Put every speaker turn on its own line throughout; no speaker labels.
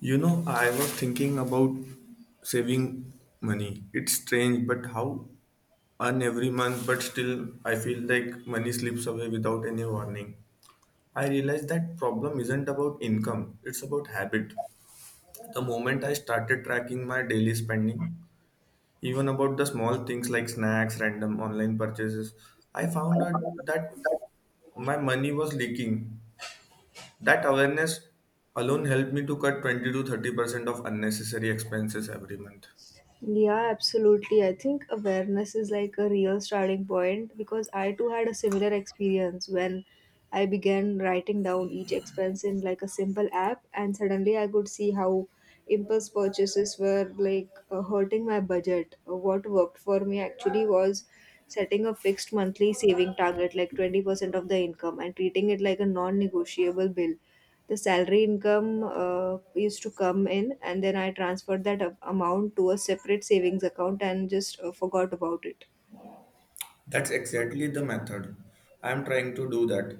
You know, I was thinking about saving money. It's strange, but how earn every month, but still I feel like money slips away without any warning. I realized that problem isn't about income, it's about habit. The moment I started tracking my daily spending, even about the small things like snacks, random online purchases, I found out that my money was leaking. That awareness alone helped me to cut 20 to 30% of unnecessary expenses every month.
Yeah, absolutely. I think awareness is like a real starting point because I too had a similar experience when I began writing down each expense in like a simple app, and suddenly I could see how impulse purchases were hurting my budget. What worked for me actually was setting a fixed monthly saving target, like 20% of the income, and treating it like a non negotiable bill. The salary income used to come in, and then I transferred that amount to a separate savings account and just forgot about it.
That's exactly the method. I'm trying to do that.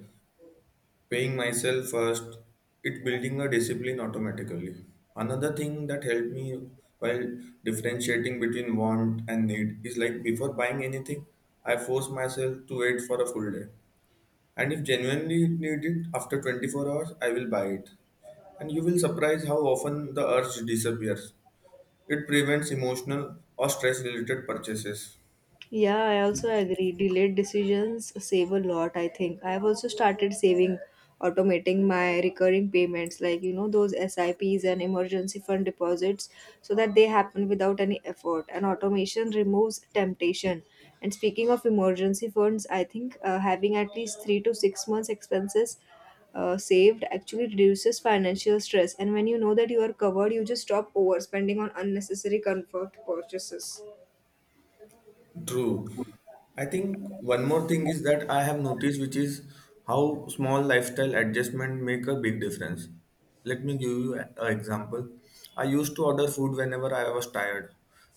Paying myself first, it building a discipline automatically. Another thing that helped me while differentiating between want and need is like before buying anything, I force myself to wait for a full day. And if genuinely need it after 24 hours, I will buy it. And you will surprise how often the urge disappears. It prevents emotional or stress related purchases.
Yeah, I also agree. Delayed decisions save a lot, I think. I've also started saving, automating my recurring payments, like, you know, those SIPs and emergency fund deposits, so that they happen without any effort. And automation removes temptation. And speaking of emergency funds, I think having at least 3 to 6 months' expenses saved actually reduces financial stress. And when you know that you are covered, you just stop overspending on unnecessary comfort purchases.
True. I think one more thing is that I have noticed, which is how small lifestyle adjustment make a big difference. Let me give you an example. I used to order food whenever I was tired,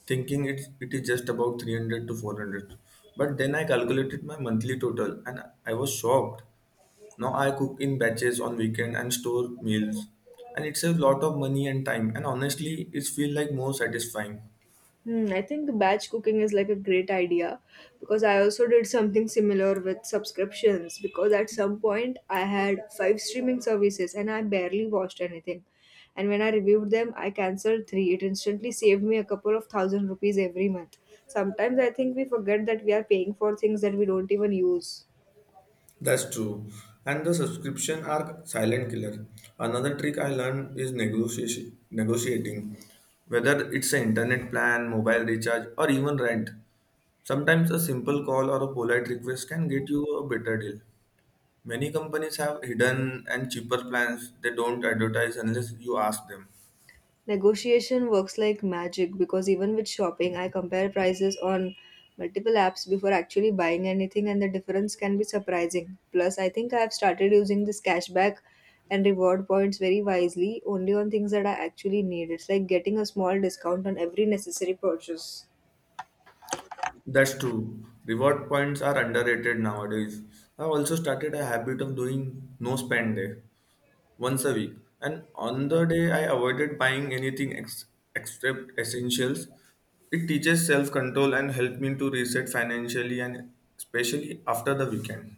thinking it is just about 300 to 400. But then I calculated my monthly total and I was shocked. Now I cook in batches on weekend and store meals. And it saves a lot of money and time. And honestly, it feels like more satisfying.
Hmm, I think batch cooking is like a great idea because I also did something similar with subscriptions because at some point I had five streaming services and I barely watched anything. And when I reviewed them, I cancelled three. It instantly saved me a couple of thousand rupees every month. Sometimes I think we forget that we are paying for things that we don't even use.
That's true. And the subscription are silent killer. Another trick I learned is negotiation, negotiating, whether it's an internet plan, mobile recharge, or even rent. Sometimes a simple call or a polite request can get you a better deal. Many companies have hidden and cheaper plans they don't advertise unless you ask them.
Negotiation works like magic because even with shopping, I compare prices on multiple apps before actually buying anything, and the difference can be surprising. Plus, I think I have started using this cashback and reward points very wisely only on things that I actually need. It's like getting a small discount on every necessary purchase.
That's true. Reward points are underrated nowadays. I've also started a habit of doing no spend day once a week. And on the day, I avoided buying anything except essentials. It teaches self control and helped me to reset financially and especially after the weekend.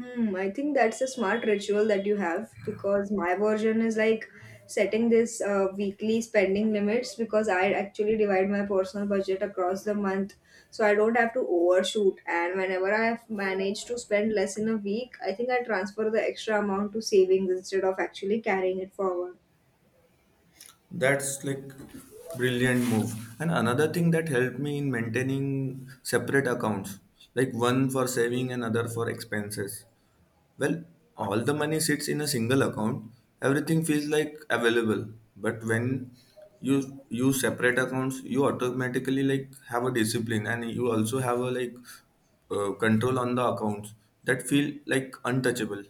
Hmm, I think that's a smart ritual that you have because my version is like setting this weekly spending limits because I actually divide my personal budget across the month so I don't have to overshoot. And whenever I have managed to spend less in a week, I think I transfer the extra amount to savings instead of actually carrying it forward.
That's like brilliant move. And another thing that helped me in maintaining separate accounts, like one for saving and other for expenses. Well, all the money sits in a single account. Everything feels like available. But when you use separate accounts, you automatically like have a discipline and you also have a like control on the accounts that feel like untouchable.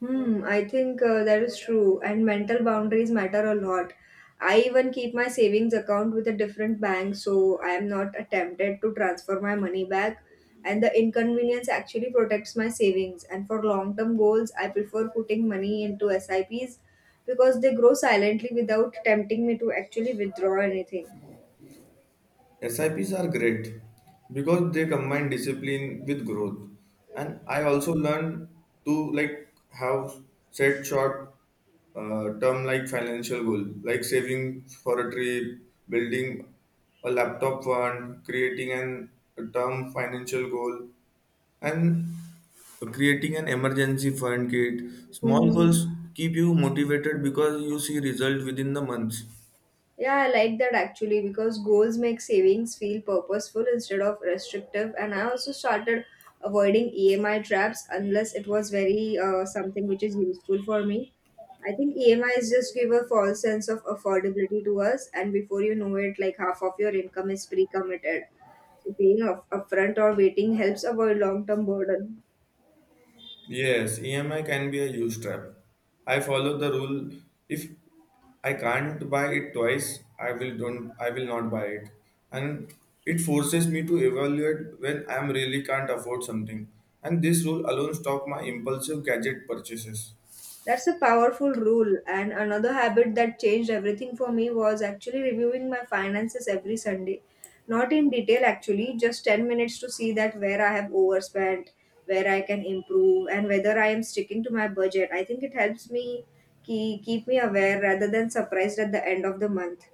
Hmm, I think that is true, and mental boundaries matter a lot. I even keep my savings account with a different bank, so I am not tempted to transfer my money back. And the inconvenience actually protects my savings. And for long term goals, I prefer putting money into SIPs because they grow silently without tempting me to actually withdraw anything.
SIPs are great because they combine discipline with growth. And I also learned to like have set short term like financial goal, like saving for a trip, building a laptop fund, creating an a term financial goal, and creating an emergency fund kit. Small
Hmm.
goals keep you motivated because you see result within the months.
Yeah, I like that actually because goals make savings feel purposeful instead of restrictive. And I also started avoiding EMI traps unless it was very something which is useful for me. I think EMIs just give a false sense of affordability to us, and before you know it, like half of your income is pre committed. So paying up upfront or waiting helps avoid long term burden.
Yes, EMI can be a huge trap. I follow the rule if I can't buy it twice, I will not buy it. And it forces me to evaluate when I am really can't afford something. And this rule alone stop my impulsive gadget purchases.
That's a powerful rule. And another habit that changed everything for me was actually reviewing my finances every Sunday. Not in detail, actually, just 10 minutes to see that where I have overspent, where I can improve, and whether I am sticking to my budget. I think it helps me keep me aware rather than surprised at the end of the month.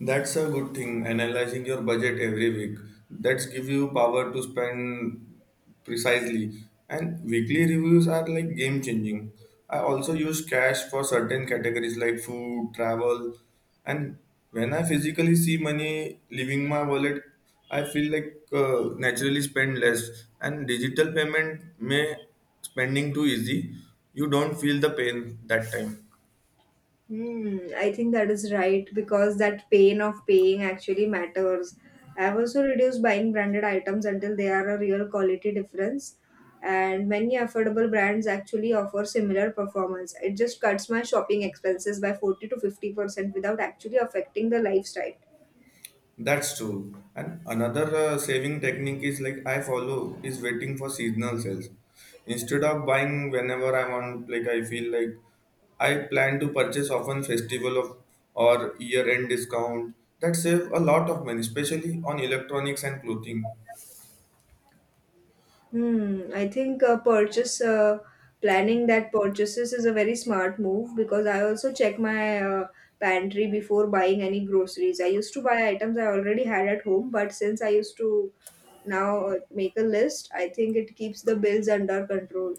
That's a good thing, analyzing your budget every week. That's give you power to spend precisely. And weekly reviews are like game changing. I also use cash for certain categories like food, travel, and when I physically see money leaving my wallet, I feel like naturally spend less. And digital payment may spending too easy. You don't feel the pain that time.
Hmm, I think that is right because that pain of paying actually matters. I have also reduced buying branded items until they are a real quality difference, and many affordable brands actually offer similar performance. It just cuts my shopping expenses by 40 to 50% without actually affecting the lifestyle.
That's true. And another saving technique is like I follow is waiting for seasonal sales. Instead of buying whenever I want, like I feel like I plan to purchase often festival of or year end discount that save a lot of money, especially on electronics and clothing.
Hmm, I think purchase planning that purchases is a very smart move because I also check my pantry before buying any groceries. I used to buy items I already had at home, but since I used to now make a list, I think it keeps the bills under control.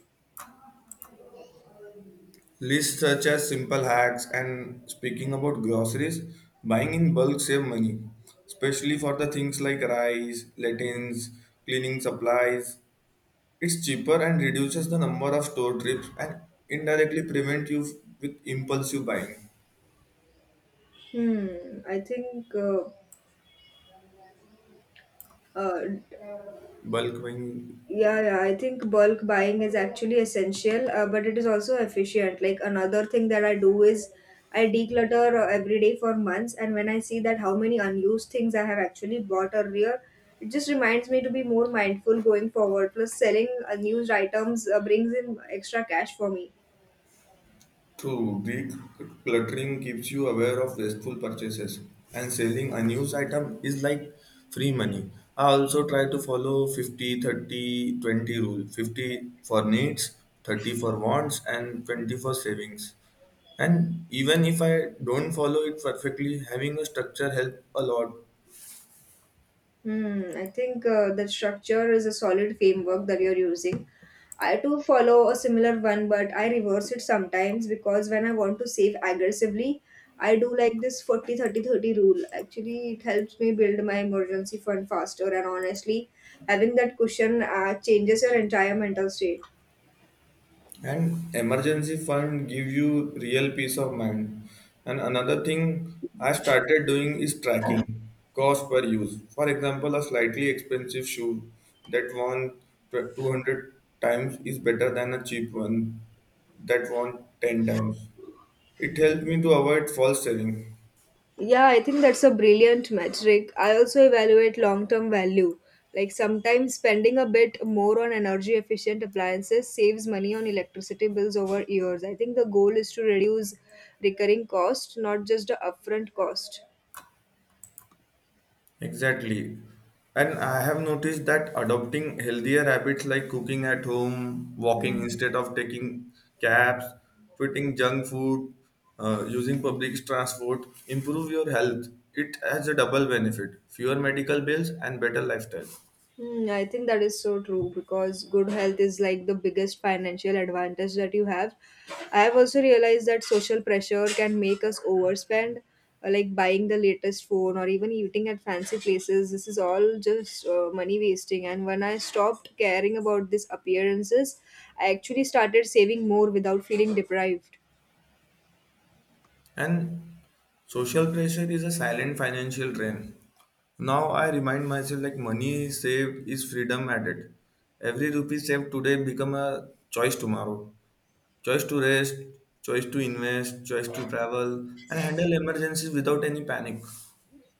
Lists such as simple hacks and speaking about groceries, buying in bulk save money, especially for the things like rice, lentils, cleaning supplies, it's cheaper and reduces the number of store trips and indirectly prevent you with impulsive buying.
Hmm, I think uh,
Bulk buying
Yeah, yeah, I think bulk buying is actually essential, but it is also efficient. Like another thing that I do is I declutter every day for months, and when I see that how many unused things I have actually bought earlier, it just reminds me to be more mindful going forward. Plus, selling unused items brings in extra cash for me.
through decluttering keeps you aware of wasteful purchases and selling unused item is like free money. I also try to follow 50 30 20 rule, 50 for needs, 30 for wants and 20 for savings. And even if I don't follow it perfectly, having a structure help a lot.
Hmm, I think the structure is a solid framework that you're using. I too follow a similar one, but I reverse it sometimes because when I want to save aggressively, I do like this 40-30-30 rule. Actually, it helps me build my emergency fund faster, and honestly, having that cushion changes your entire mental state.
And emergency fund give you real peace of mind. And another thing I started doing is tracking cost per use. For example, a slightly expensive shoe that won 200 times is better than a cheap one that won 10 times. It helped me to avoid false selling.
Yeah, I think that's a brilliant metric. I also evaluate long term value. Like sometimes spending a bit more on energy efficient appliances saves money on electricity bills over years. I think the goal is to reduce recurring cost, not just the upfront cost.
Exactly. And I have noticed that adopting healthier habits like cooking at home, walking
Mhm.
instead of taking cabs, quitting junk food, using public transport, improve your health. It has a double benefit, fewer medical bills and better lifestyle.
Hmm, I think that is so true because good health is like the biggest financial advantage that you have. I have also realized that social pressure can make us overspend, like buying the latest phone or even eating at fancy places. This is all just money wasting. And when I stopped caring about these appearances, I actually started saving more without feeling deprived.
And social pressure is a silent financial drain. Now I remind myself like money saved is freedom added. Every rupee saved today become a choice tomorrow. Choice to rest, choice to invest, choice to travel, and handle emergencies without any panic.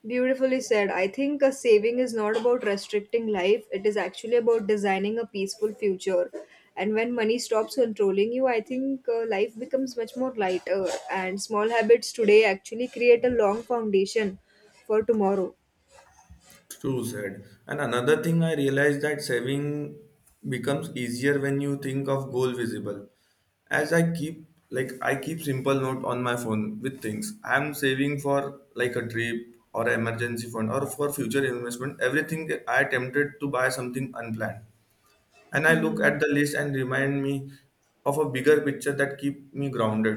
Beautifully said. I think a saving is not about restricting life, it is actually about designing a peaceful future. And when money stops controlling you, I think life becomes much more lighter. And small habits today actually create a long foundation for tomorrow.
True said. And another thing I realized that saving becomes easier when you think of goal visible. As I keep like I keep simple note on my phone with things I'm saving for, like a trip or an emergency fund or for future investment. Everything I attempted to buy something unplanned, and I look at the list and remind me of a bigger picture that keep me grounded.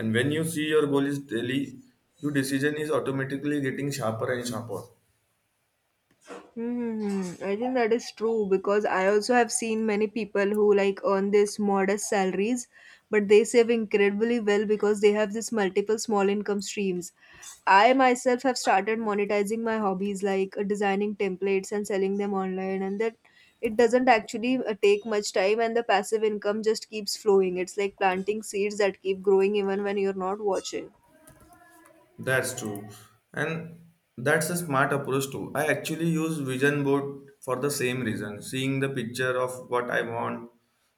And when you see your goal is daily, your decision is automatically getting sharper and sharper.
Hmm, I think that is true because I also have seen many people who like earn this modest salaries, but they save incredibly well because they have this multiple small income streams. I myself have started monetizing my hobbies like designing templates and selling them online, and that it doesn't actually take much time, and the passive income just keeps flowing. It's like planting seeds that keep growing even when you're not watching.
That's true. And that's a smart approach too. I actually use vision board for the same reason. Seeing the picture of what I want,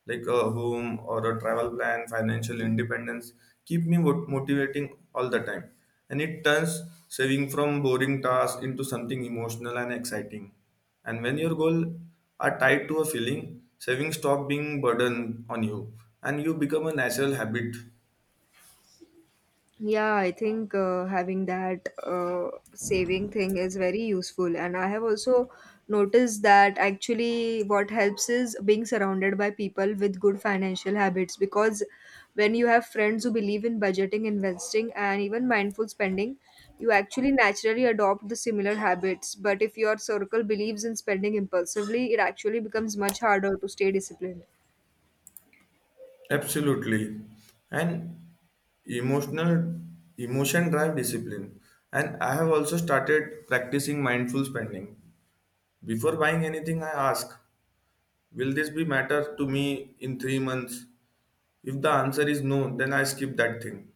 like a home or a travel plan, financial independence, keep me motivating all the time. And it turns saving from boring tasks into something emotional and exciting. And when your goal are tied to a feeling, saving stop being burden on you and you become a natural habit.
Yeah, I think having that saving thing is very useful. And I have also noticed that actually what helps is being surrounded by people with good financial habits because when you have friends who believe in budgeting, investing, and even mindful spending, you actually naturally adopt the similar habits. But if your circle believes in spending impulsively, it actually becomes much harder to stay disciplined.
Absolutely. And emotional emotion drive discipline. And I have also started practicing mindful spending. Before buying anything, I ask, will this be matter to me in 3 months? If the answer is no, then I skip that thing.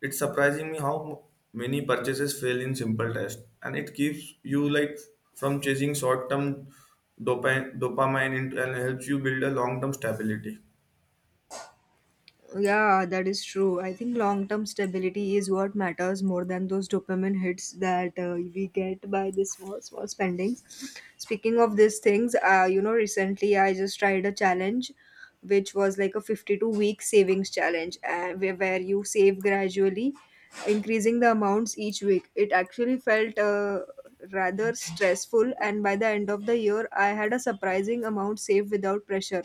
It's surprising me how many purchases fail in simple test, and it keeps you like from chasing short-term dopamine into and helps you build a long-term stability.
Yeah, that is true. I think long term stability is what matters more than those dopamine hits that we get by the small spendings. Speaking of these things, you know, recently I just tried a challenge which was like a 52-week savings challenge where you save gradually, increasing the amounts each week. It actually felt rather stressful, and by the end of the year I had a surprising amount saved without pressure.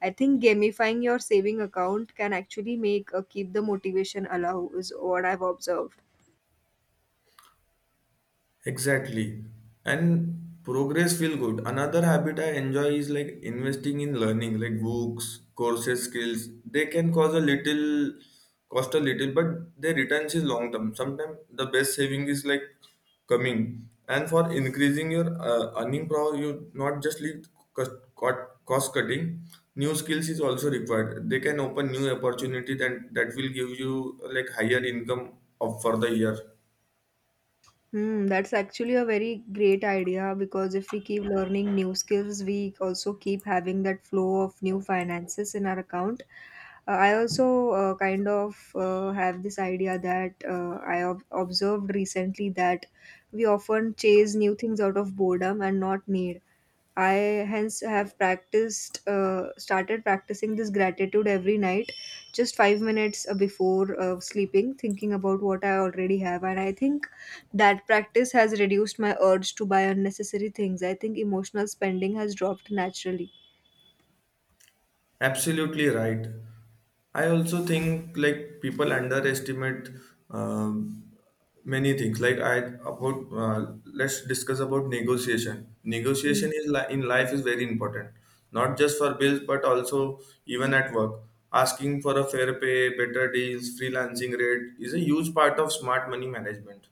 I think gamifying your saving account can actually make keep the motivation alive is what I've observed.
Exactly. And progress feel good. Another habit I enjoy is like investing in learning, like books, courses, skills. They can cause a little cost a little, but their returns is long term. Sometimes the best saving is like coming. And for increasing your earning power, you not just leave cost, cost cutting. New skills is also required. They can open new opportunity and that will give you like higher income of for the year.
Hmm, that's actually a very great idea because if we keep learning new skills, we also keep having that flow of new finances in our account. I also have this idea that observed recently that we often chase new things out of boredom and not need. I hence have started practicing this gratitude every night, just 5 minutes before sleeping, thinking about what I already have. And I think that practice has reduced my urge to buy unnecessary things. I think emotional spending has dropped naturally.
Absolutely right. I also think like people underestimate um, many things. Like I about let's discuss about negotiation. Negotiation is in life is very important, not just for bills but also even at work. Asking for a fair pay, better deals, freelancing rate is a huge part of smart money management.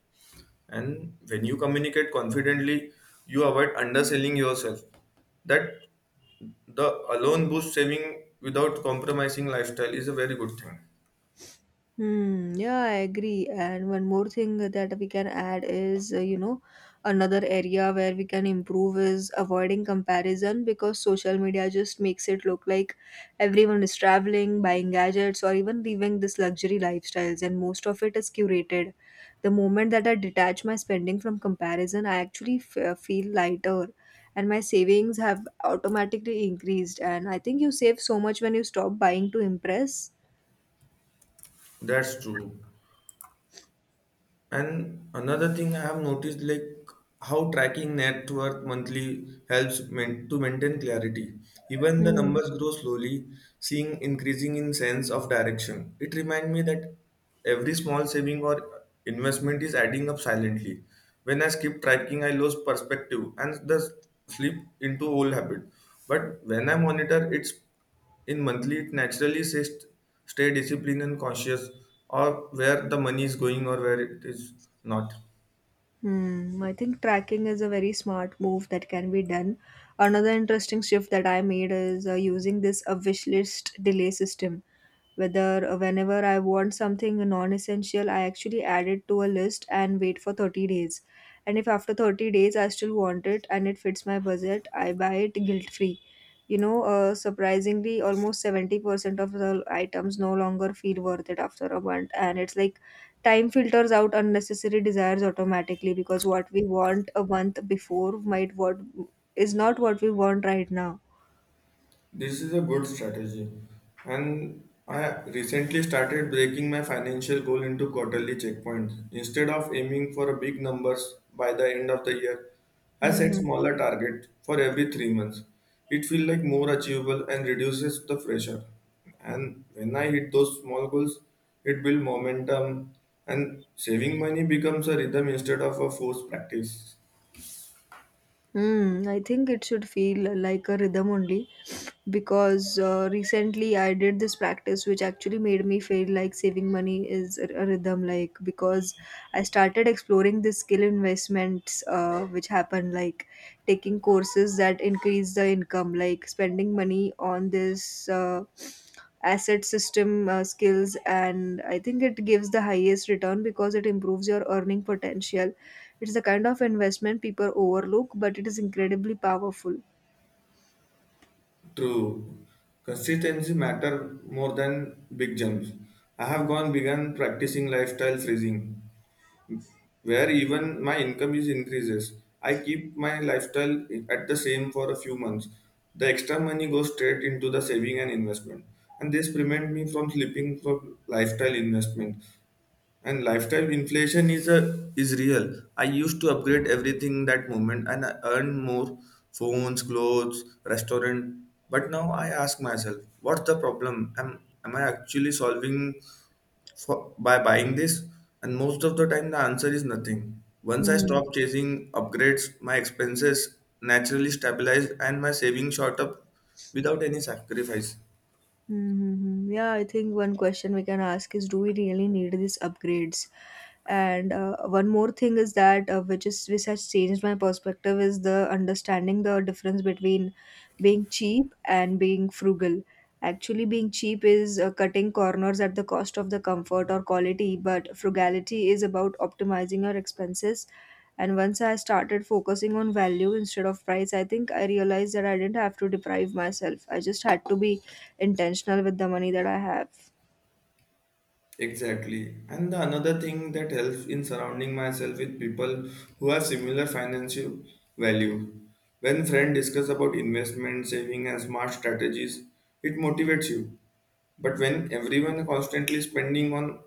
And when you communicate confidently, you avoid underselling yourself. That the alone boost saving without compromising lifestyle is a very good thing.
Hmm, yeah, I agree. And one more thing that we can add is, you know, another area where we can improve is avoiding comparison because social media just makes it look like everyone is traveling, buying gadgets, or even living this luxury lifestyles, and most of it is curated. The moment that I detach my spending from comparison, I actually feel lighter. And my savings have automatically increased. And I think you save so much when you stop buying to impress.
That's true. And another thing I have noticed, like how tracking net worth monthly helps to maintain clarity. Even the
Hmm.
numbers grow slowly, seeing increasing in sense of direction. It reminds me that every small saving or investment is adding up silently. When I skip tracking, I lose perspective and thus slip into old habit. But when I monitor, it's in monthly it naturally says stay disciplined and conscious or where the money is going or where it is not.
Hmm, I think tracking is a very smart move that can be done. Another interesting shift that I made is using this a wish list delay system, whether whenever I want something non-essential, I actually add it to a list and wait for 30 days. And if after 30 days I still want it and it fits my budget, I buy it guilt free. Surprisingly, almost 70% of the items no longer feel worth it after a month, and it's like time filters out unnecessary desires automatically, because what we want a month before might what is not what we want right now.
This is a good strategy. And I recently started breaking my financial goal into quarterly checkpoints. Instead of aiming for a big numbers by the end of the year, I set
hmm
smaller target for every 3 months. It feels like more achievable and reduces the pressure. And when I hit those small goals, it builds momentum and saving money becomes a rhythm instead of a forced practice.
Hmm, I think it should feel like a rhythm only because recently I did this practice which actually made me feel like saving money is a rhythm, like, because I started exploring the skill investments, which happen like taking courses that increase the income, like spending money on this asset system, skills, and I think it gives the highest return because it improves your earning potential. It's the kind of investment people overlook, but it is incredibly powerful.
True. Consistency matter more than big jumps. I have gone begun practicing lifestyle freezing, where even my income is increases. I keep my lifestyle at the same for a few months. The extra money goes straight into the saving and investment, and this prevent me from slipping from lifestyle investment. And lifestyle inflation is a is real. I used to upgrade everything that moment and I earn more phones, clothes, restaurant. But now I ask myself, what's the problem? Am I actually solving for, by buying this? And most of the time the answer is nothing. Once I
Hmm.
stop chasing upgrades, my expenses naturally stabilize and my savings shot up without any sacrifice.
Mm-hmm. Yeah, I think one question we can ask is, do we really need these upgrades? And one more thing is that which has changed my perspective is the understanding the difference between being cheap and being frugal. Actually, being cheap is cutting corners at the cost of the comfort or quality, but frugality is about optimizing your expenses, and once I started focusing on value instead of price, I think I realized that I didn't have to deprive myself. I just had to be intentional with the money that I have.
Exactly. And the another thing that helps in surrounding myself with people who have similar financial value. When friends discuss about investment, saving and smart strategies, it motivates you. But when everyone constantly spending on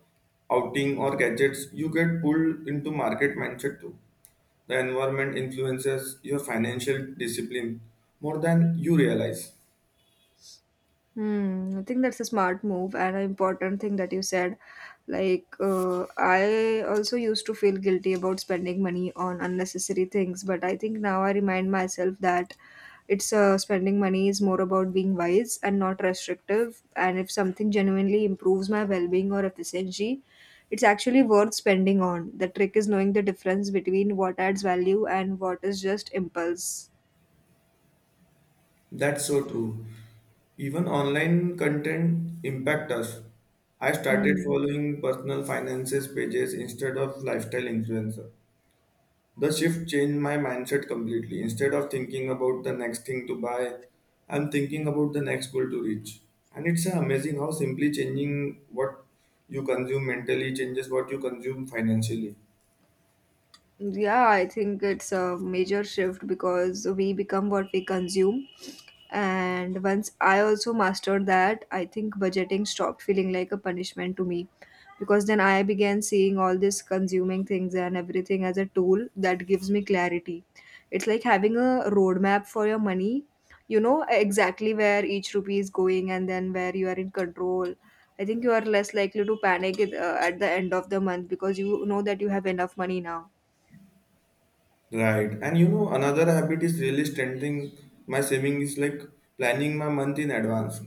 outing or gadgets, you get pulled into market mindset too. The environment influences your financial discipline more than you realize.
Hmm, I think that's a smart move and an important thing that you said. Like, I also used to feel guilty about spending money on unnecessary things, but I think now I remind myself that it's spending money is more about being wise and not restrictive. And if something genuinely improves my well being or efficiency, it's actually worth spending on. The trick is knowing the difference between what adds value and what is just impulse.
That's so true. Even online content impact us. I started
Hmm.
following personal finances pages instead of lifestyle influencer. The shift changed my mindset completely. Instead of thinking about the next thing to buy, I'm thinking about the next goal to reach. And it's amazing how simply changing what you consume mentally changes what you consume financially.
Yeah, I think it's a major shift because we become what we consume. And once I also mastered that, I think budgeting stopped feeling like a punishment to me, because then I began seeing all this consuming things and everything as a tool that gives me clarity. It's like having a roadmap for your money. You know exactly where each rupee is going and then where you are in control. I think you are less likely to panic it, at the end of the month, because you know that you have enough money now.
Right. And you know, another habit is really strengthening my saving is like planning my month in advance.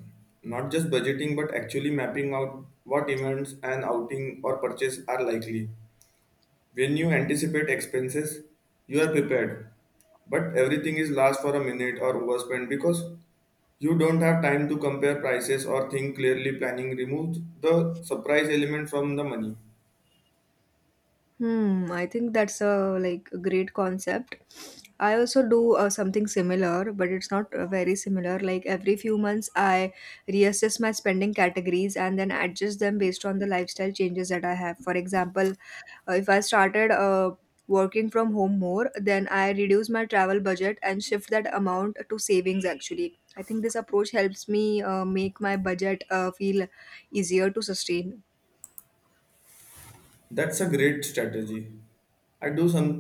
Not just budgeting, but actually mapping out what events and outing or purchase are likely. When you anticipate expenses, you are prepared. But everything is last for a minute or overspent because you don't have time to compare prices or think clearly. Planning removes the surprise element from the money.
Hmm, I think that's a like a great concept. I also do something similar, but it's not very similar. Like every few months, I reassess my spending categories and then adjust them based on the lifestyle changes that I have. For example, if I started working from home more, then I reduce my travel budget and shift that amount to savings actually. I think this approach helps me make my budget feel easier to sustain.
That's a great strategy. I do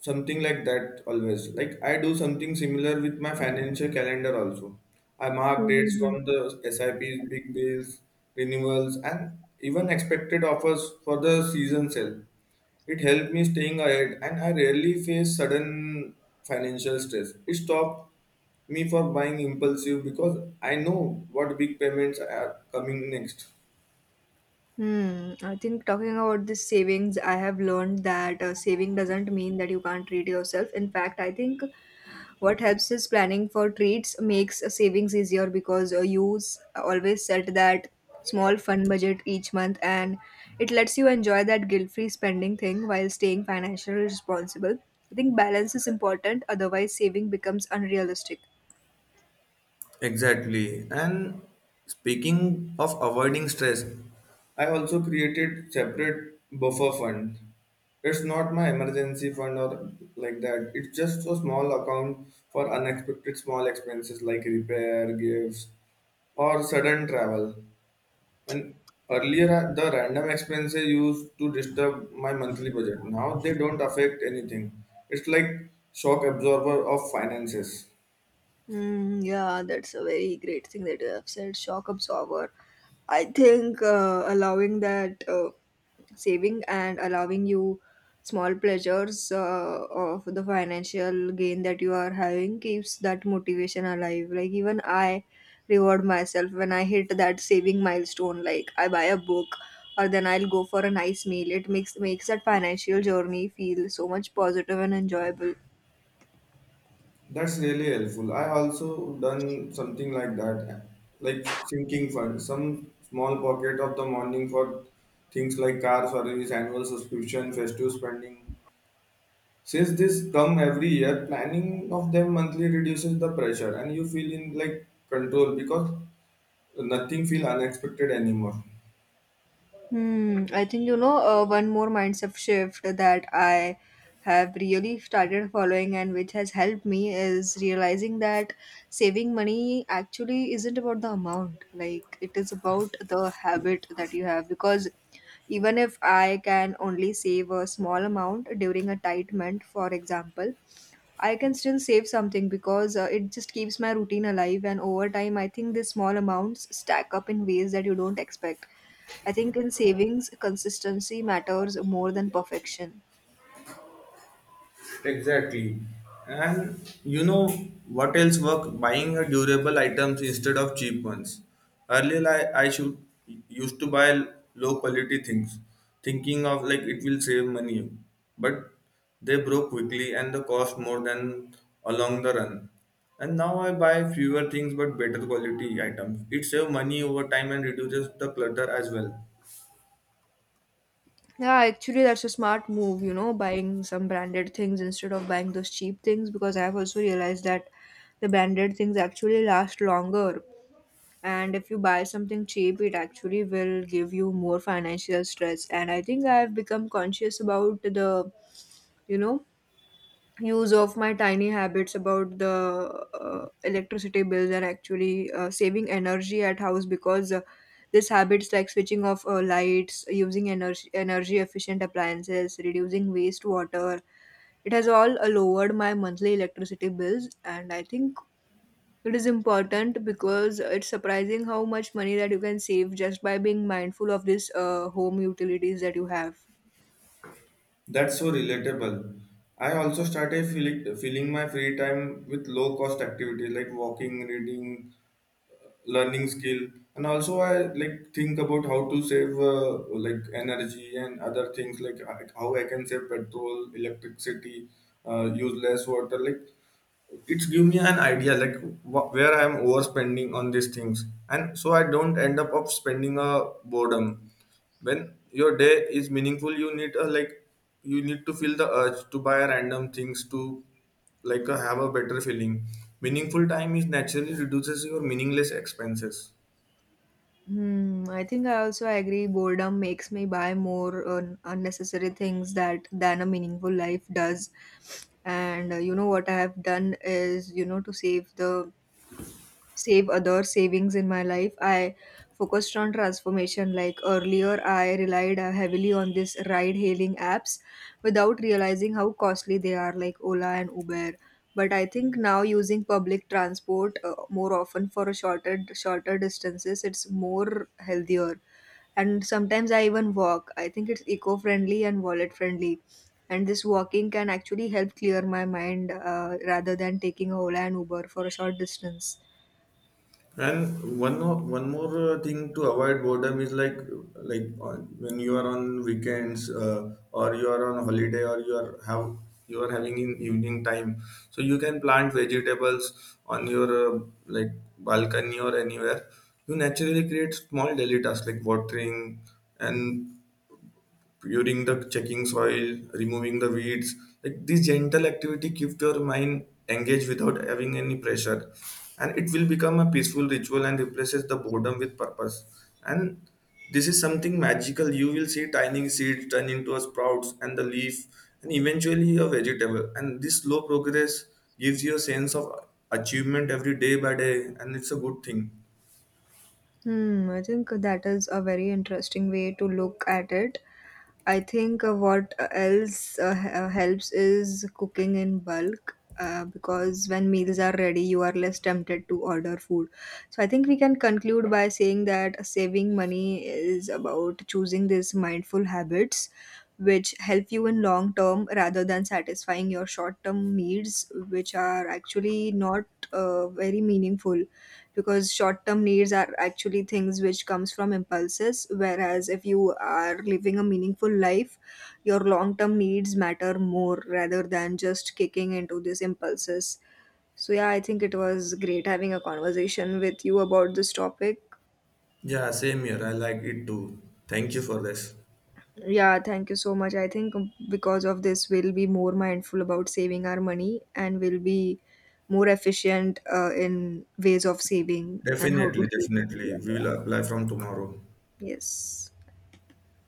something like that always. Like I do something similar with my financial calendar also. I mark dates from the SIPs, big deals, renewals, and even expected offers for the season sale. It helped me staying ahead, and I rarely face sudden financial stress. It stopped me for buying impulsive because I know what big payments are coming next.
Hmm. I think talking about this savings, I have learned that saving doesn't mean that you can't treat yourself. In fact, I think what helps is planning for treats makes savings easier, because you always set that small fun budget each month, and it lets you enjoy that guilt-free spending thing while staying financially responsible. I think balance is important, otherwise saving becomes unrealistic.
Exactly. And speaking of avoiding stress, I also created separate buffer fund. It's not my emergency fund or like that. It's just a small account for unexpected small expenses like repair, gifts, or sudden travel. And earlier, the random expenses used to disturb my monthly budget. Now they don't affect anything. It's like shock absorber of finances.
Mm, yeah, that's a very great thing that you have said. Shock absorber. I think allowing that, saving and allowing you small pleasures of the financial gain that you are having keeps that motivation alive. Like, even I reward myself when I hit that saving milestone, like I buy a book or then I'll go for a nice meal. It makes that financial journey feel so much positive and enjoyable.
That's really helpful. I also done something like that, like sinking fund, some small pocket of the morning for things like car service, annual subscription, festive spending. Since this come every year, planning of them monthly reduces the pressure and you feel in like control because nothing feel unexpected anymore.
Hmm, I think one more mindset shift that I have really started following and which has helped me is realizing that saving money actually isn't about the amount. Like it is about the habit that you have, because even if I can only save a small amount during a tight month, for example, I can still save something because it just keeps my routine alive. And over time, I think these small amounts stack up in ways that you don't expect. I think in savings, consistency matters more than perfection.
Exactly. And you know what else work? Buying a durable items instead of cheap ones. Earlier I should used to buy low quality things, thinking of like it will save money. But they broke quickly and the cost more than along the run. And now I buy fewer things but better quality items. It saves money over time and reduces the clutter as well.
Yeah, actually, that's a smart move, you know, buying some branded things instead of buying those cheap things, because I have also realized that the branded things actually last longer. And if you buy something cheap, it actually will give you more financial stress. And I think I have become conscious about the, you know, use of my tiny habits about the electricity bills, and actually saving energy at house, because this habits like switching off lights, using energy efficient appliances, reducing waste water, it has all lowered my monthly electricity bills. And I think it is important because it's surprising how much money that you can save just by being mindful of this home utilities that you have.
That's so relatable. I also started filling my free time with low cost activities like walking, reading, learning skill, and also I like think about how to save like energy and other things like how I can save petrol, electricity, use less water. Like it's give me an idea like where I am overspending on these things, and so I don't end up of spending a boredom. When your day is meaningful, you need a like you need to feel the urge to buy random things to like have a better feeling. Meaningful time is naturally reduces your meaningless expenses.
Hmm, I think I also agree, boredom makes me buy more unnecessary things that than a meaningful life does. And you know what I have done is, you know, to save other savings in my life, I focused on transformation, like earlier I relied heavily on this ride hailing apps without realizing how costly they are, like Ola and Uber. But I think now using public transport more often for a shorter distances, it's more healthier. And sometimes I even walk, I think it's eco friendly and wallet friendly. And this walking can actually help clear my mind, rather than taking a Ola and Uber for a short distance.
And one more thing to avoid boredom is like when you are on weekends or you are on holiday or you are having in evening time, so you can plant vegetables on your like balcony or anywhere. You naturally create small daily tasks like watering and puring the checking soil, removing the weeds. Like this gentle activity keep your mind engaged without having any pressure, and it will become a peaceful ritual and replaces the boredom with purpose. And this is something magical. You will see tiny seeds turn into a sprouts and the leaf and eventually a vegetable, and this slow progress gives you a sense of achievement every day by day, and it's a good thing.
Hmm, I think that is a very interesting way to look at it. I think what else helps is cooking in bulk, because when meals are ready, you are less tempted to order food. So I think we can conclude by saying that saving money is about choosing these mindful habits which help you in long term rather than satisfying your short term needs, which are actually not very meaningful, because short-term needs are actually things which comes from impulses, whereas if you are living a meaningful life, your long-term needs matter more rather than just kicking into these impulses. So yeah, I think it was great having a conversation with you about this topic.
Yeah, same here, I like it too. Thank you for this.
Yeah, thank you so much. I think because of this, we'll be more mindful about saving our money, and we'll be more efficient in ways of saving and how to
Definitely,
save
definitely.
it.
We will apply from tomorrow.
Yes.